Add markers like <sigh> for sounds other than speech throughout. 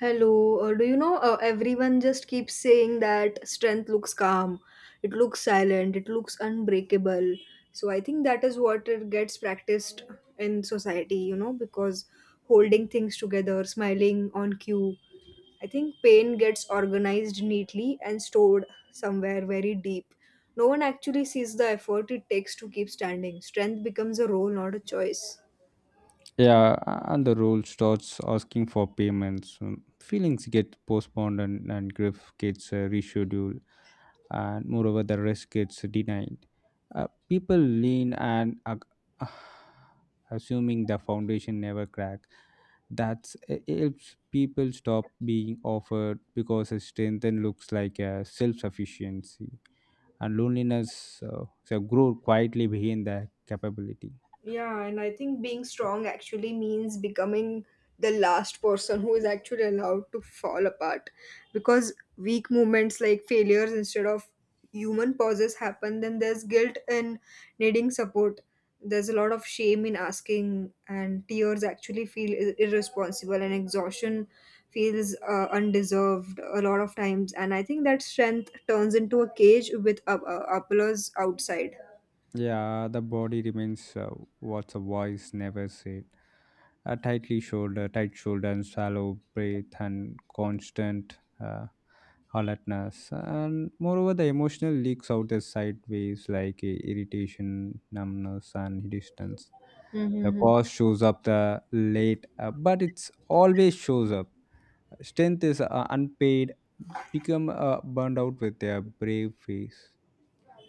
Hello, do you know, everyone just keeps saying that strength looks calm, it looks silent, it looks unbreakable. So I think that is what it gets practiced in society, you know, because holding things together, smiling on cue. I think pain gets organized neatly and stored somewhere very deep. No one actually sees the effort it takes to keep standing. Strength becomes a role, not a choice. Yeah, and the role starts asking for payments. Feelings get postponed, and grief gets rescheduled, and moreover, the rest gets denied. People lean and <sighs> assuming the foundation never crack. That's it helps people stop being offered because a strength then looks like a self-sufficiency, and loneliness so grow quietly behind the capability. Yeah, and I think being strong actually means becoming the last person who is actually allowed to fall apart because weak moments like failures instead of human pauses happen, then there's guilt in needing support. There's a lot of shame in asking, and tears actually feel irresponsible, and exhaustion feels undeserved a lot of times. And I think that strength turns into a cage with applause outside. Yeah, the body remains what the voice never said. A tightly shoulder, tight shoulder, and shallow breath, and constant uh, alertness. And moreover, the emotional leaks out as sideways, like irritation, numbness, and distance. The cause shows up the late, but it's always shows up. Strength is unpaid, become burned out with their brave face.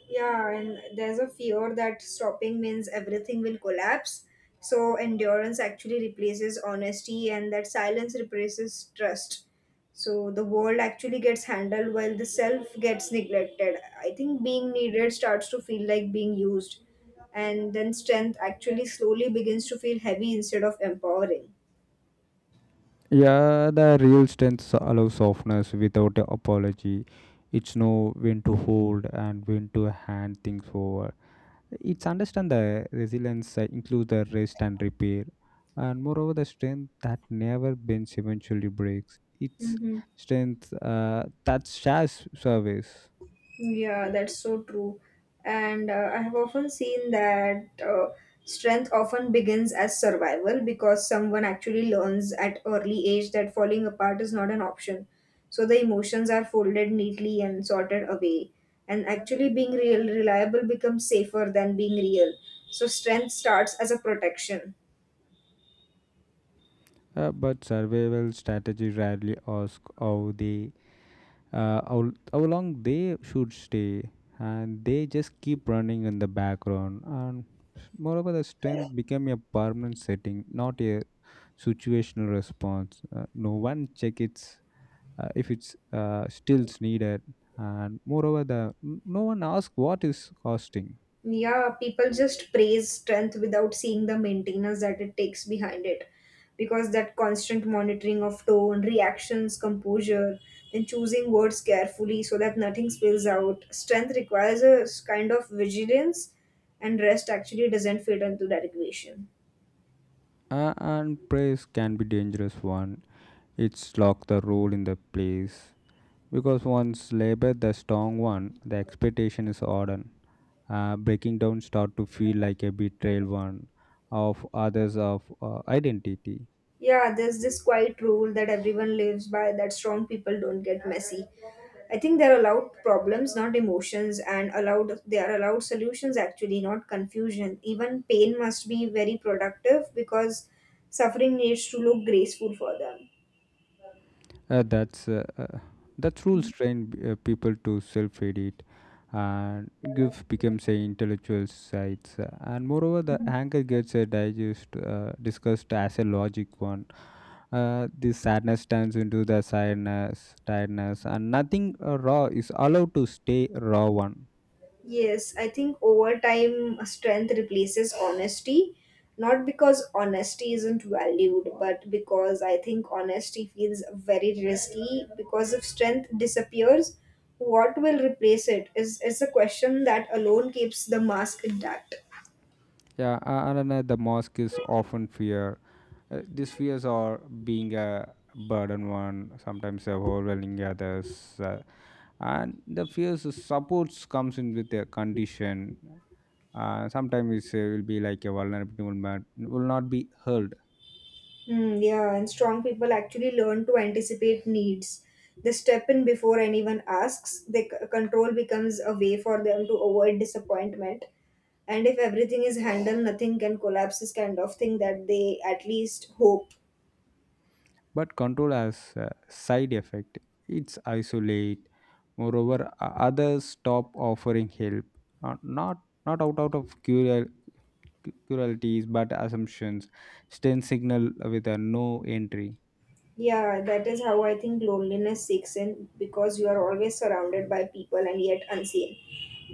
Yeah, and there's a fear that stopping means everything will collapse. So endurance actually replaces honesty, and that silence replaces trust. So the world actually gets handled while the self gets neglected. I think being needed starts to feel like being used, and then strength actually slowly begins to feel heavy instead of empowering. Yeah, the real strength allows softness without a apology. It's know when to hold and when to hand things over. It's understand the resilience includes the rest and repair, and moreover the strength that never bends eventually breaks. It's Mm-hmm. strength that shares service, Yeah, that's so true. And I have often seen that, strength often begins as survival because someone actually learns at early age that falling apart is not an option. So the emotions are folded neatly and sorted away. And actually being real reliable becomes safer than being real. So strength starts as a protection. But survival strategy rarely ask how they how long they should stay, and they just keep running in the background. And moreover, the strength became a permanent setting, not a situational response. No one check it if it's stills needed, and moreover the no one asks what is costing. Yeah, people just praise strength without seeing the maintenance that it takes behind it, because that constant monitoring of tone, reactions, composure and choosing words carefully so that nothing spills out, strength requires a kind of vigilance, and rest actually doesn't fit into that equation. And praise can be dangerous one. It's lock the role in the place. Because once labor the strong one, the expectation is hardened. Breaking down start to feel like a betrayal one of others of identity. Yeah, there's this quiet rule that everyone lives by that strong people don't get messy. I think they're allowed problems, not emotions, and allowed they are allowed solutions actually, not confusion. Even pain must be very productive because suffering needs to look graceful for them. Uh, that's uh, uh, that rules train people to self-edit, and give becomes a intellectual sites. And moreover the anger gets a digest, discussed as a logic one. The sadness turns into the sadness tiredness, and nothing raw is allowed to stay raw one. Yes, I think over time, strength replaces honesty. Not because honesty isn't valued, but because I think honesty feels very risky. Because if strength disappears, what will replace it is a question that alone keeps the mask intact. Yeah, and then, the mosque is often fear. These fears are being a burden one, sometimes overwhelming others. And the fears of supports comes in with a condition. Sometimes it will be like a vulnerability will not be held. Hmm, yeah, and strong people actually learn to anticipate needs. They step in before anyone asks. Control becomes a way for them to avoid disappointment. And if everything is handled, nothing can collapse is kind of thing that they at least hope. But control has a side effect. It's isolate. Moreover, others stop offering help. Not not out of curial, pluralities but assumptions send signal with a no entry. Yeah, that is how I think loneliness seeks in, because you are always surrounded by people and yet unseen.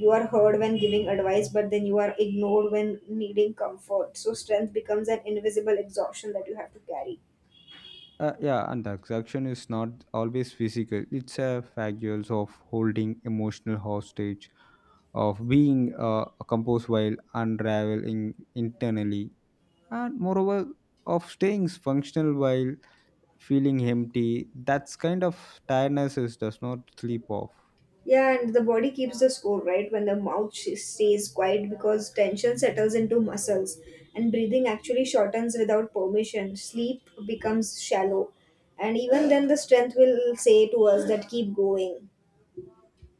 You are heard when giving advice, but then you are ignored when needing comfort. So strength becomes an invisible exhaustion that you have to carry. Yeah, and the abstraction is not always physical. It's a factual of holding emotional hostage, of being composed while unraveling internally, and moreover of staying functional while feeling empty. That's kind of tiredness is, does not sleep off. Yeah, and the body keeps the score, right? When the mouth stays quiet, because tension settles into muscles and breathing actually shortens without permission. Sleep becomes shallow. And even then, the strength will say to us that keep going.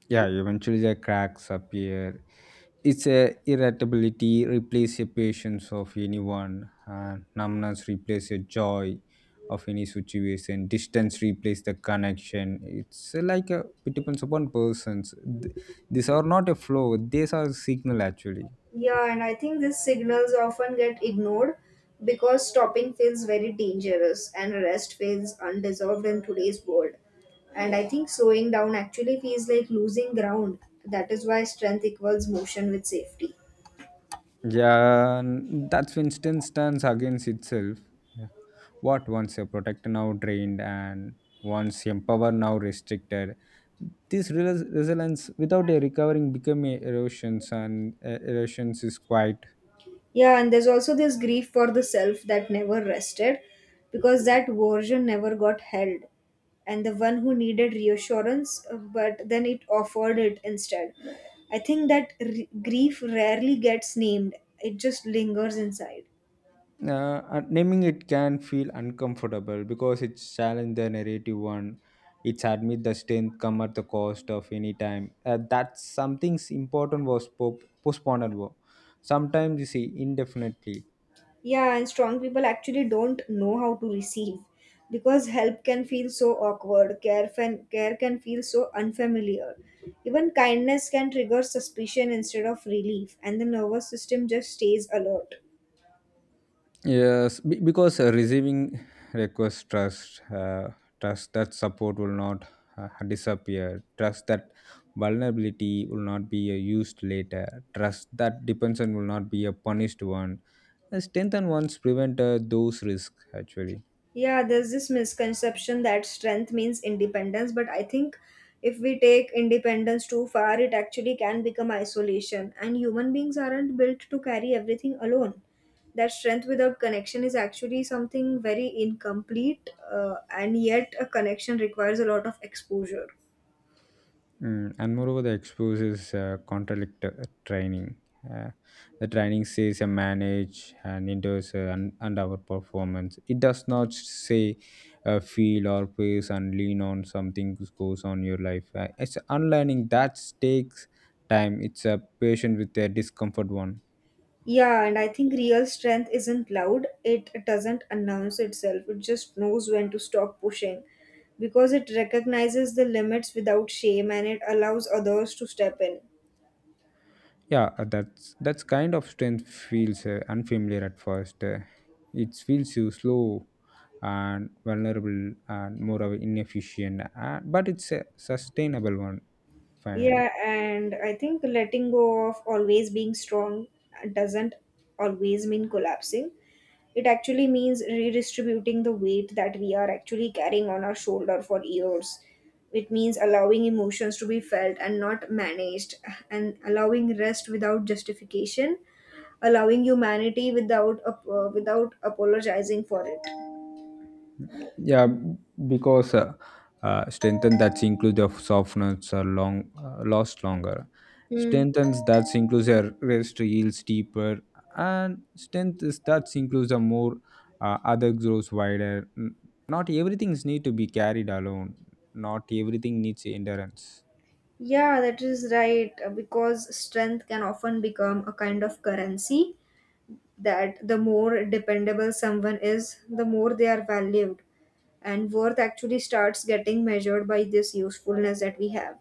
Yeah, eventually the cracks appear. It's a irritability replace a patience of anyone, numbness replace a joy of any situation, distance replace the connection. It's like a, it depends upon persons. Th- These are not a flow; these are signal actually. Yeah, and I think these signals often get ignored because stopping feels very dangerous and rest feels undeserved in today's world. And I think slowing down actually feels like losing ground. That is why strength equals motion with safety. Yeah, that Winston stands against itself. Yeah. What once a protector now drained, and once empowered now restricted. This resilience without a recovering become a erosions, and erosions is quite. Yeah, and there's also this grief for the self that never rested, because that version never got held. And the one who needed reassurance, but then it offered it instead. I think that grief rarely gets named, it just lingers inside. And naming it can feel uncomfortable because it challenge the narrative one. It's admit the strength come at the cost of any time. That something's important was postponed. Wo. Sometimes you see indefinitely. Yeah, and strong people actually don't know how to receive, because help can feel so awkward, care can feel so unfamiliar. Even kindness can trigger suspicion instead of relief, and the nervous system just stays alert. Yes, because receiving requires trust, trust that support will not disappear, trust that vulnerability will not be used later, trust that dependence will not be a punished one. Strengthen ones prevent those risks actually. Yeah, there's this misconception that strength means independence, but I think if we take independence too far, it actually can become isolation, and human beings aren't built to carry everything alone. That strength without connection is actually something very incomplete, and yet a connection requires a lot of exposure. Mm, and moreover, the exposes contradict training. Uh, the training says a manage and endorse and our performance. It does not say feel or pace and lean on something which goes on your life. It's unlearning that takes time. It's a patient with a discomfort one. Yeah, and I think real strength isn't loud. It doesn't announce itself. It just knows when to stop pushing, because it recognizes the limits without shame and it allows others to step in. Yeah, that's kind of strength feels unfamiliar at first. It feels you slow and vulnerable and more of inefficient, but it's a sustainable one finally. Yeah, and I think letting go of always being strong doesn't always mean collapsing. It actually means redistributing the weight that we are actually carrying on our shoulder for years. It means allowing emotions to be felt and not managed, and allowing rest without justification, allowing humanity without without apologizing for it. Yeah, because strengthen that includes of softness are long last longer. Hmm. Strengthens that includes inclusive rest yields deeper, and strength is that includes a more other grows wider. Not everything's need to be carried alone, not everything needs endurance. Yeah, that is right. Because strength can often become a kind of currency, that the more dependable someone is, the more they are valued. And worth actually starts getting measured by this usefulness that we have.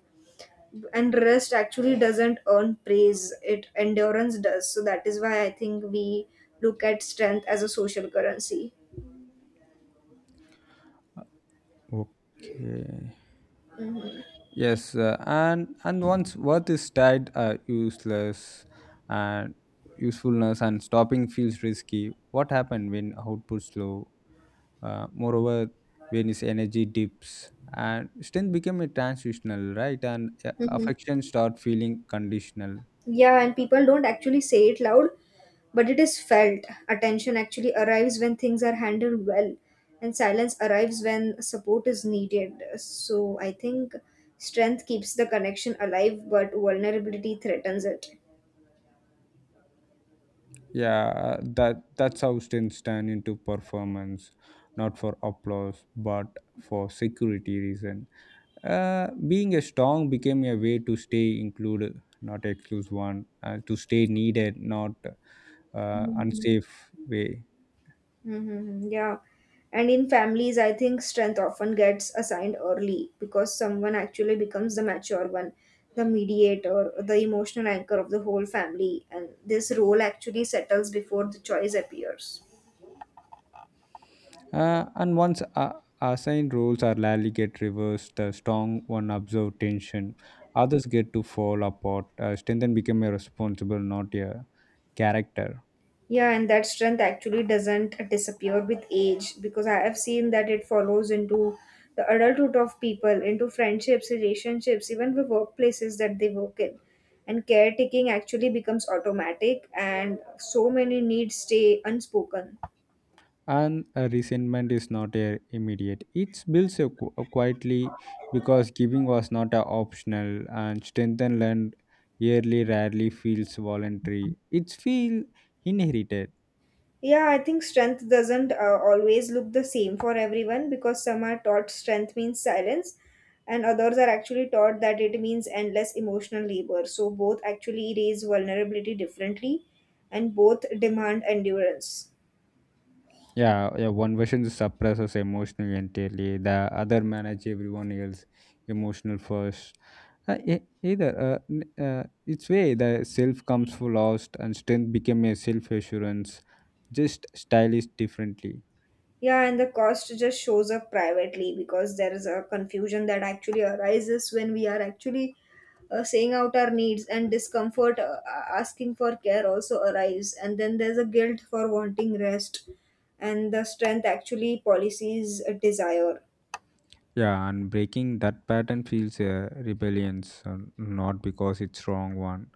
And rest actually doesn't earn praise, it endurance does. So that is why I think we look at strength as a social currency. Okay. Mhm. Yes, and once worth is tied, useless and usefulness, and stopping feels risky. What happened when output's low? Moreover, when his energy dips and strength became a transitional, right? And Mhm. affection start feeling conditional. Yeah, and people don't actually say it loud, but it is felt. Attention actually arrives when things are handled well, and silence arrives when support is needed. So I think strength keeps the connection alive, but vulnerability threatens it. Yeah, that that's how students turn into performance, not for applause, but for security reason. Being a strong became a way to stay included, not exclude one, to stay needed, not unsafe way. Mm-hmm. Yeah. And in families, I think strength often gets assigned early, because someone actually becomes the mature one, the mediator, the emotional anchor of the whole family. And this role actually settles before the choice appears. And once assigned roles are rarely get reversed, the strong one observe tension, others get to fall apart. Strength then became a responsible, not a character. Yeah, and that strength actually doesn't disappear with age, because I have seen that it follows into the adulthood of people, into friendships, relationships, even the workplaces that they work in. And caretaking actually becomes automatic, and so many needs stay unspoken. And a resentment is not a immediate. It builds a, a quietly, because giving was not a optional, and strengthen learned yearly rarely feels voluntary. It feels inherited. Yeah, I think strength doesn't always look the same for everyone, because some are taught strength means silence, and others are actually taught that it means endless emotional labor. So both actually raise vulnerability differently, and both demand endurance. Yeah, one version suppresses emotionally entirely, the other manage everyone else emotional first. Either its way the self comes for lost, and strength became a self assurance, just stylized differently. Yeah, and the cost just shows up privately, because there is a confusion that actually arises when we are actually, saying out our needs and discomfort, asking for care also arise, and then there's a guilt for wanting rest, and the strength actually policies a desire. Yeah, and breaking that pattern feels rebellions, not because it's wrong one,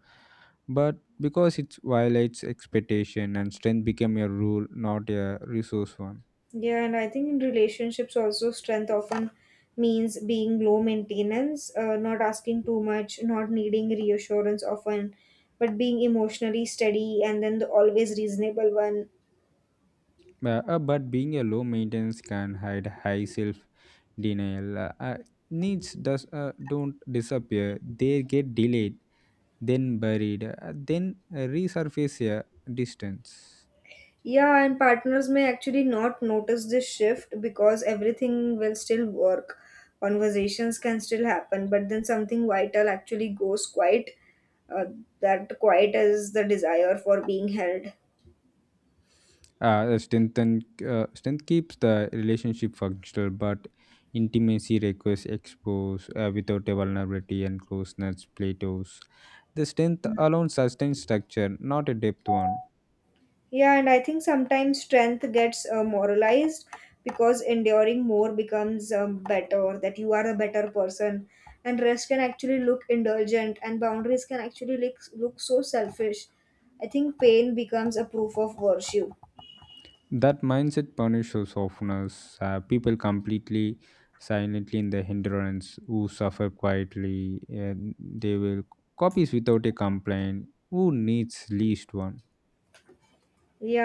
but because it violates expectation, and strength became a rule, not a resource one. Yeah, and I think in relationships also, strength often means being low maintenance, not asking too much, not needing reassurance often, but being emotionally steady and then the always reasonable one. But being a low maintenance can hide high self denial. Needs does don't disappear; they get delayed, then buried, then resurface a distance. Yeah, and partners may actually not notice this shift, because everything will still work. Conversations can still happen, but then something vital actually goes quiet. Uh, that quiet is the desire for being held. Uh, strength and Strength keeps the relationship functional, but intimacy requires expose without a vulnerability, and closeness plateaus. The strength alone sustains structure, not a depth one. Yeah, and I think sometimes strength gets moralized, because enduring more becomes, better, that you are a better person. And rest can actually look indulgent, and boundaries can actually look so selfish. I think pain becomes a proof of virtue. That mindset punishes softness. People completely silently in the hindrance who suffer quietly. And they will copies without a complaint. Who needs least one? Yeah,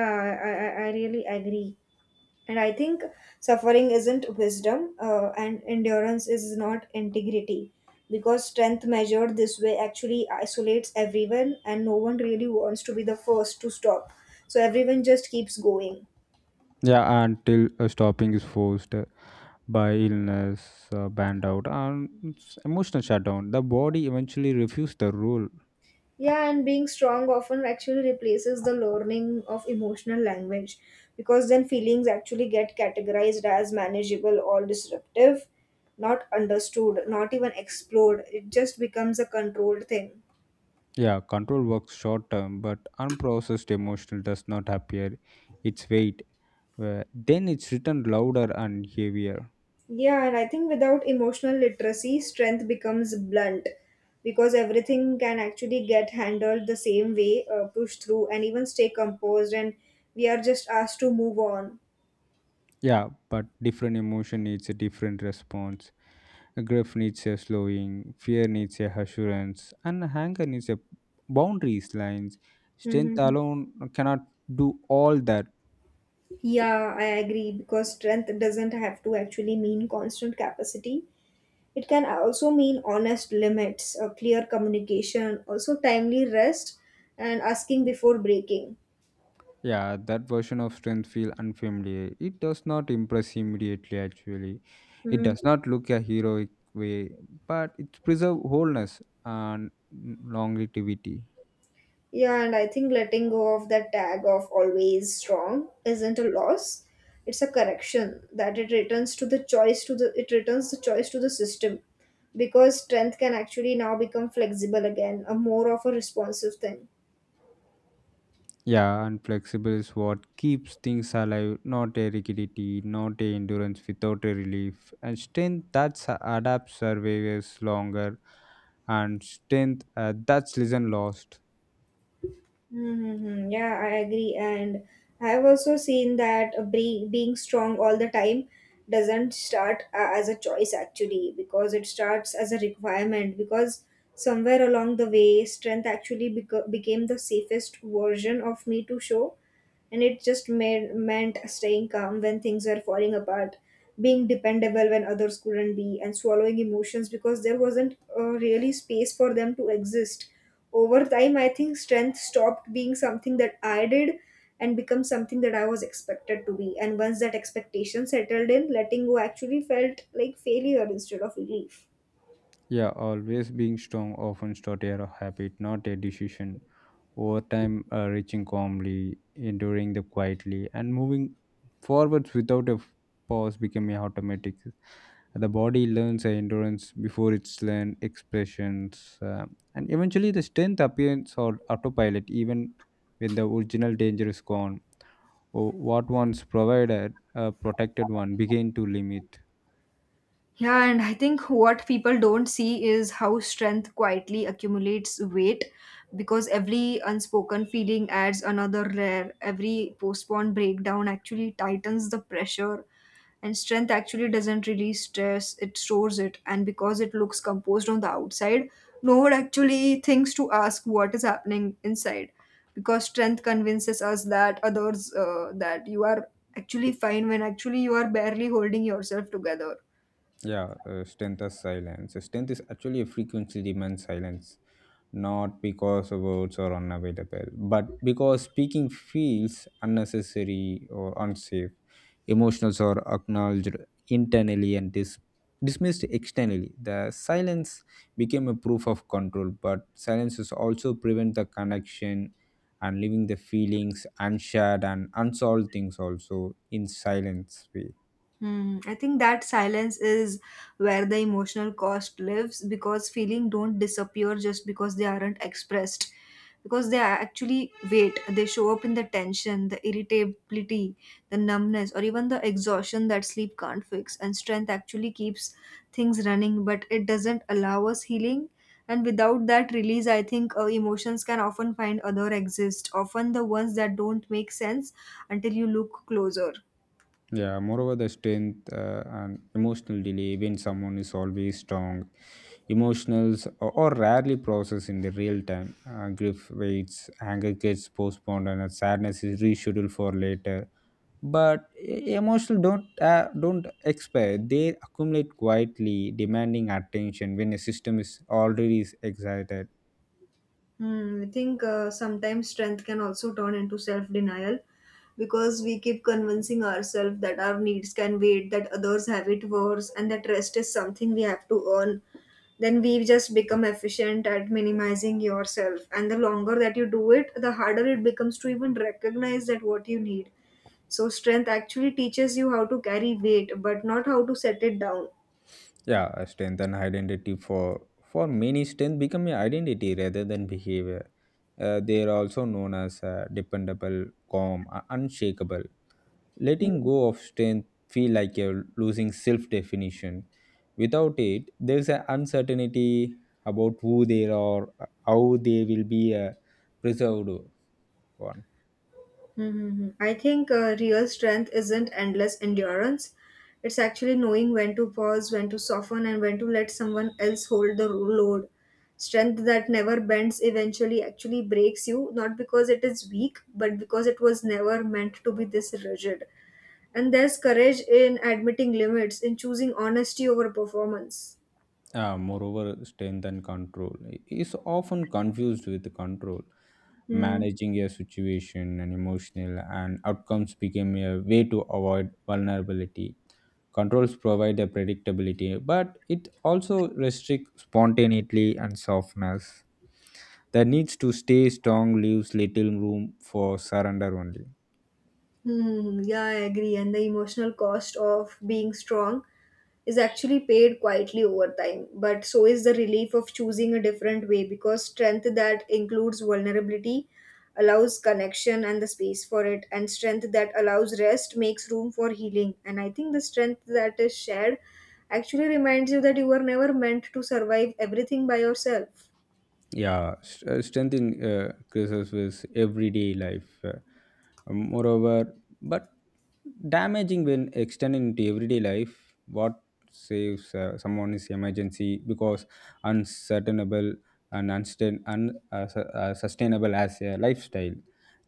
I really agree. And I think suffering isn't wisdom, and endurance is not integrity. Because strength measured this way actually isolates everyone, and no one really wants to be the first to stop. So everyone just keeps going. Yeah, until stopping is forced by illness, banned out, and emotional shutdown. The body eventually refused the rule. Yeah, and being strong often actually replaces the learning of emotional language, because then feelings actually get categorized as manageable or disruptive, not understood, not even explored. It just becomes a controlled thing. Yeah, control works short term, but unprocessed emotional does not appear its weight. Then it's written louder and heavier. Yeah, and I think without emotional literacy, strength becomes blunt, because everything can actually get handled the same way, pushed through, and even stay composed, and we are just asked to move on. Yeah, but different emotion needs a different response. Grief needs a slowing, fear needs a assurance, and anger needs a boundaries lines. Strength Hmm. alone cannot do all that. Yeah, I agree, because strength doesn't have to actually mean constant capacity. It can also mean honest limits, a clear communication, also timely rest, and asking before breaking. Yeah, that version of strength feel unfamiliar. It does not impress immediately actually. It Hmm. does not look a heroic way, but it preserve wholeness and longevity. Yeah, and I think letting go of that tag of always strong isn't a loss. It's a correction that it returns to the choice to the system, because strength can actually now become flexible again, a more of a responsive thing. Yeah, and flexible is what keeps things alive, not a rigidity, not a endurance without a relief. And strength that adapts survives longer, and strength that's listen lost. Mm-hmm. Yeah, I agree. And I've also seen that, being strong all the time doesn't start as a choice actually, because it starts as a requirement. Because somewhere along the way, strength actually became the safest version of me to show, and it just meant staying calm when things were falling apart, being dependable when others couldn't be, and swallowing emotions because there wasn't really space for them to exist. Over time, I think strength stopped being something that I did and become something that I was expected to be. And once that expectation settled in, letting go actually felt like failure instead of relief. Yeah, always being strong often starts a habit, not a decision. Over time, reaching calmly, enduring the quietly, and moving forwards without a pause become a automatic. The body learns a endurance before it's learned expressions, and eventually the strength appears on autopilot, even when the original danger is gone. Or what once provided a protected one begin to limit. Yeah, and I think what people don't see is how strength quietly accumulates weight, because every unspoken feeling adds another layer. Every postponed breakdown actually tightens the pressure, and strength actually doesn't release stress, it stores it. And because it looks composed on the outside, no one actually thinks to ask what is happening inside because strength convinces us that others, that you are actually fine when actually you are barely holding yourself together. Yeah, strength is silence. Strength is actually a frequency demand silence, not because words are unavailable, but because speaking feels unnecessary or unsafe. Emotions are acknowledged internally and dismissed externally. The silence became a proof of control, but silences also prevent the connection, and leaving the feelings unshared and unsolved things also in silence way. Hmm. I think that silence is where the emotional cost lives because feeling don't disappear just because they aren't expressed. Because they actually wait, they show up in the tension, the irritability, the numbness, or even the exhaustion that sleep can't fix. And strength actually keeps things running, but it doesn't allow us healing. And without that release, I think emotions can often find other exist, often the ones that don't make sense until you look closer. Yeah, moreover, the strength and emotional delay. When someone is always strong, emotionals or rarely processed in the real time. Grief waits, anger gets postponed, and sadness is rescheduled for later. But emotional don't expire. They accumulate quietly, demanding attention when a system is already is excited. Hmm, I think sometimes strength can also turn into self denial because we keep convincing ourselves that our needs can wait, that others have it worse, and that rest is something we have to earn. Then we just become efficient at minimizing yourself. And the longer that you do it, the harder it becomes to even recognize that what you need. So, strength actually teaches you how to carry weight, but not how to set it down. Yeah, a strength and identity. For many, strength become an identity rather than behavior. They are also known as dependable, calm, unshakable. Letting go of strength feel like you're losing self-definition. Without it, there's an uncertainty about who they are, how they will be preserved. One. Mm-hmm. I think real strength isn't endless endurance. It's actually knowing when to pause, when to soften, and when to let someone else hold the load. Strength that never bends eventually actually breaks you, not because it is weak, but because it was never meant to be this rigid. And there's courage in admitting limits, in choosing honesty over performance. Moreover, strength and control is often confused with control. Hmm. Managing a situation and emotional and outcomes became a way to avoid vulnerability. Controls provide a predictability, but it also restricts spontaneity and softness. The needs to stay strong leaves little room for surrender only. Hmm, yeah, I agree. And the emotional cost of being strong is actually paid quietly over time. But so is the relief of choosing a different way because strength that includes vulnerability allows connection and the space for it, and strength that allows rest makes room for healing. And I think the strength that is shared actually reminds you that you were never meant to survive everything by yourself. Yeah, strength in, increases with everyday life. Moreover, but damaging when extended into everyday life, what saves someone is emergency, because uncertainable and sustainable as a lifestyle.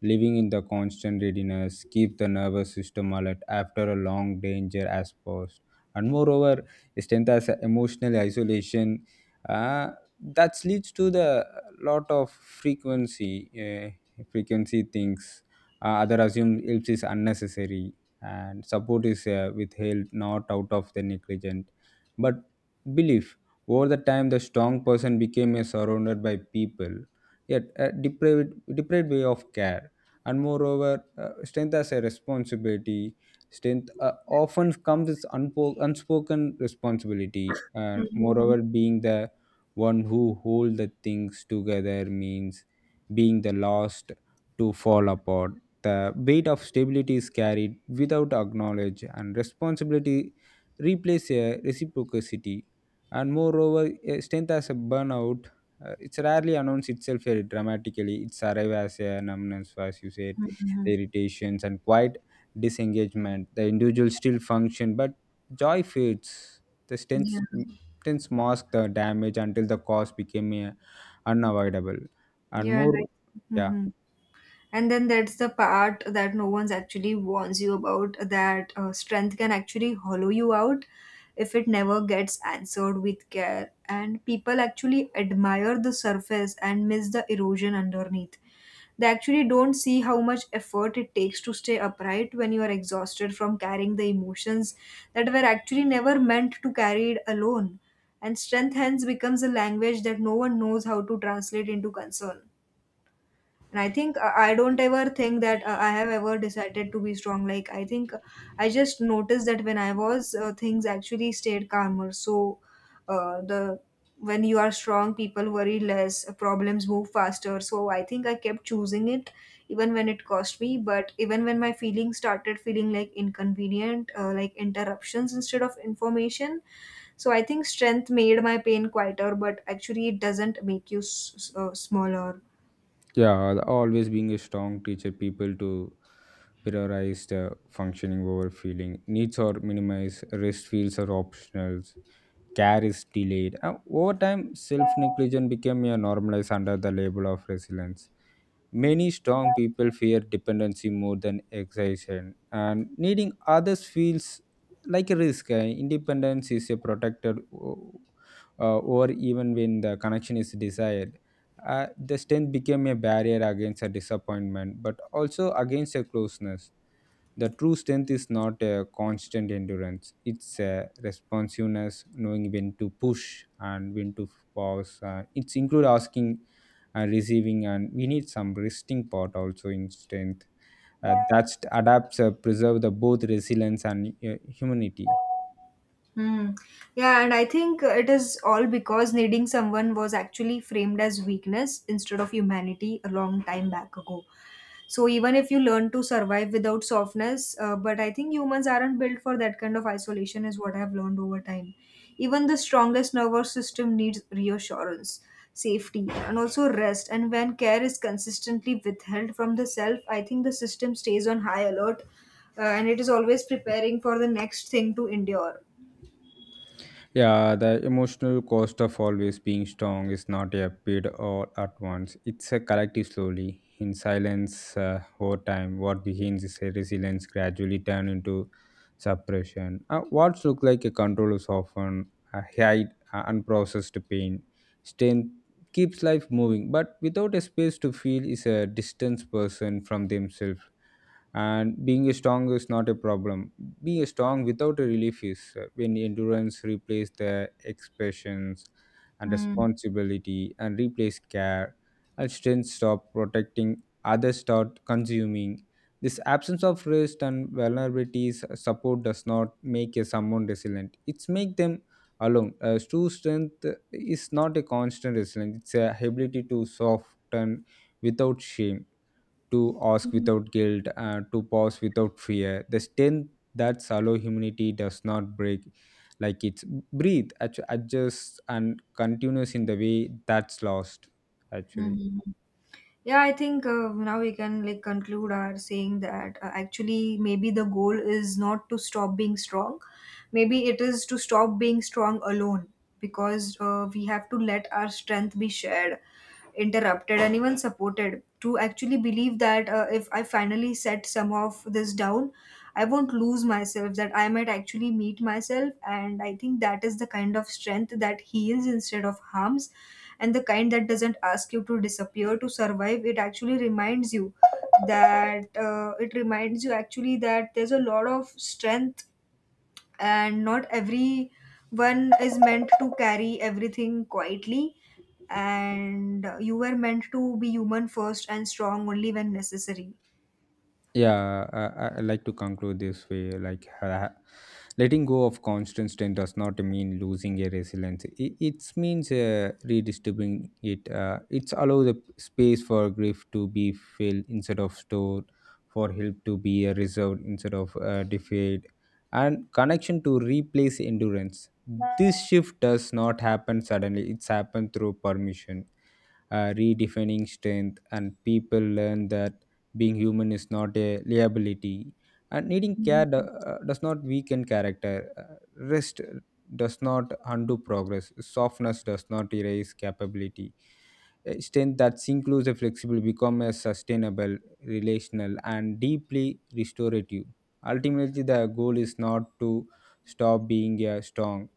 Living in the constant readiness keep the nervous system alert after a long danger has passed. And moreover, strength as a emotional isolation uh, that leads to the lot of frequency frequency things, other assume helps is unnecessary and support is withheld not out of the negligent but belief. Over the time the strong person became a surrounded by people, yet a depraved way of care. And moreover, strength as a responsibility. Strength often comes with unspoken responsibility, and Mm-hmm. moreover being the one who hold the things together means being the last to fall apart. The weight of stability is carried without acknowledge, and responsibility replaces a reciprocity. And moreover a strength as a burnout. It's rarely announced itself very dramatically, it's arrive as a numbness, as you said, the irritations and quiet disengagement. The individual still function, but joy fades. The Yeah. strength acceptance masked the damage until the cause became unavoidable. And Yeah. And more, I, yeah, Mhm. And then that's the part that no one's actually warns you about that strength can actually hollow you out if it never gets answered with care, and people actually admire the surface and miss the erosion underneath. They actually don't see how much effort it takes to stay upright when you are exhausted from carrying the emotions that were actually never meant to carry it alone. And strength hence becomes a language that no one knows how to translate into concern. And I think I don't ever think that I have ever decided to be strong. Like, I think I just noticed that when I was things actually stayed calmer. So the when you are strong, people worry less, problems move faster. So I think I kept choosing it even when it cost me, but even when my feelings started feeling like inconvenient, like interruptions instead of information. So I think strength made my pain quieter, but actually it doesn't make you smaller. yeah, always being a strong teacher, people to prioritize the functioning over feeling. Needs are minimized, rest feels are optional, care is delayed. Over time, self negligence became a normalized under the label of resilience. Many strong people fear dependency more than excitation, and needing others feels like a risk. Independence is a protected or even when the connection is desired. The strength became a barrier against a disappointment, but also against a closeness. The true strength is not a constant endurance, it's a responsiveness, knowing when to push and when to pause. It's include asking and receiving, and we need some resting part also in strength. That adapts, preserve the both resilience and humanity. Hmm. Yeah, and I think it is all because needing someone was actually framed as weakness instead of humanity a long time back ago. So even if you learn to survive without softness, but I think humans aren't built for that kind of isolation, is what I've learned over time. Even the strongest nervous system needs reassurance, safety, and also rest. And when care is consistently withheld from the self, I think the system stays on high alert, and it is always preparing for the next thing to endure. Yeah, the emotional cost of always being strong is not a bid all at once. It's a collective slowly. In silence, over time, what begins is a resilience gradually turn into suppression. What look like a control is often a hide, unprocessed pain. Strength keeps life moving, but without a space to feel is a distanced person from themselves. And being strong is not a problem, being strong without a relief is when endurance replaces the expressions, and Hmm. responsibility and replace care, and strength stop protecting others start consuming. This absence of rest and vulnerabilities support does not make a someone resilient, it's make them alone. True strength is not a constant resilience, it's a ability to soften without shame, to ask Mhm. without guilt, to pause without fear. The strength that shallow humanity does not break, like it's breathe, adjust, and continues in the way that's lost, actually. Yeah, I think now we can like conclude our saying that actually maybe the goal is not to stop being strong. Maybe it is to stop being strong alone, because we have to let our strength be shared, interrupted, and even supported to actually believe that if I finally set some of this down, I won't lose myself, that I might actually meet myself. And I think that is the kind of strength that heals instead of harms, and the kind that doesn't ask you to disappear to survive. It actually reminds you that it reminds you actually that there's a lot of strength, and not everyone is meant to carry everything quietly, and you were meant to be human first and strong only when necessary. Yeah, I like to conclude this way, like, letting go of constant strength does not mean losing a resilience, it means redistributing it. It's allow the space for grief to be filled instead of stored, for help to be reserved instead of deferred, and connection to replace endurance. This shift does not happen suddenly, it's happened through permission, redefining strength, and people learn that being human is not a liability, and needing care do- Mhm. uh, does not weaken character. Uh, Rest does not undo progress, softness does not erase capability. A strength that's inclusive flexible become a sustainable, relational, and deeply restorative. Ultimately the goal is not to stop being a strong,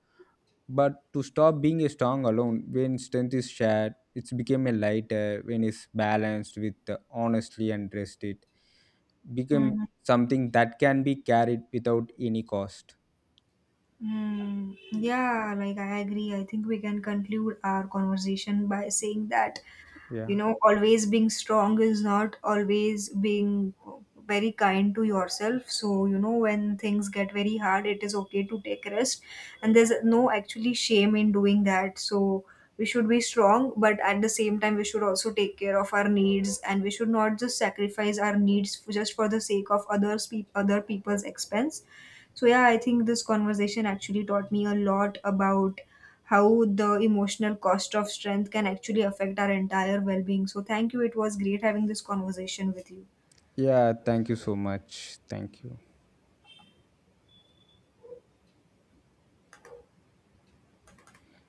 but to stop being a strong alone. When strength is shared, it's become a lighter. When it's balanced with honestly and rested, become something that can be carried without any cost. Hmm. Yeah, like I agree. I think we can conclude our conversation by saying that yeah you know always being strong is not always being very kind to yourself. So you know when things get very hard, it is okay to take rest, and there's no actually shame in doing that. So we should be strong, but at the same time we should also take care of our needs, and we should not just sacrifice our needs just for the sake of others other people's expense. So, yeah, I think this conversation actually taught me a lot about how the emotional cost of strength can actually affect our entire well being. So, thank you. It was great having this conversation with you. yeah Thank you so much, thank you.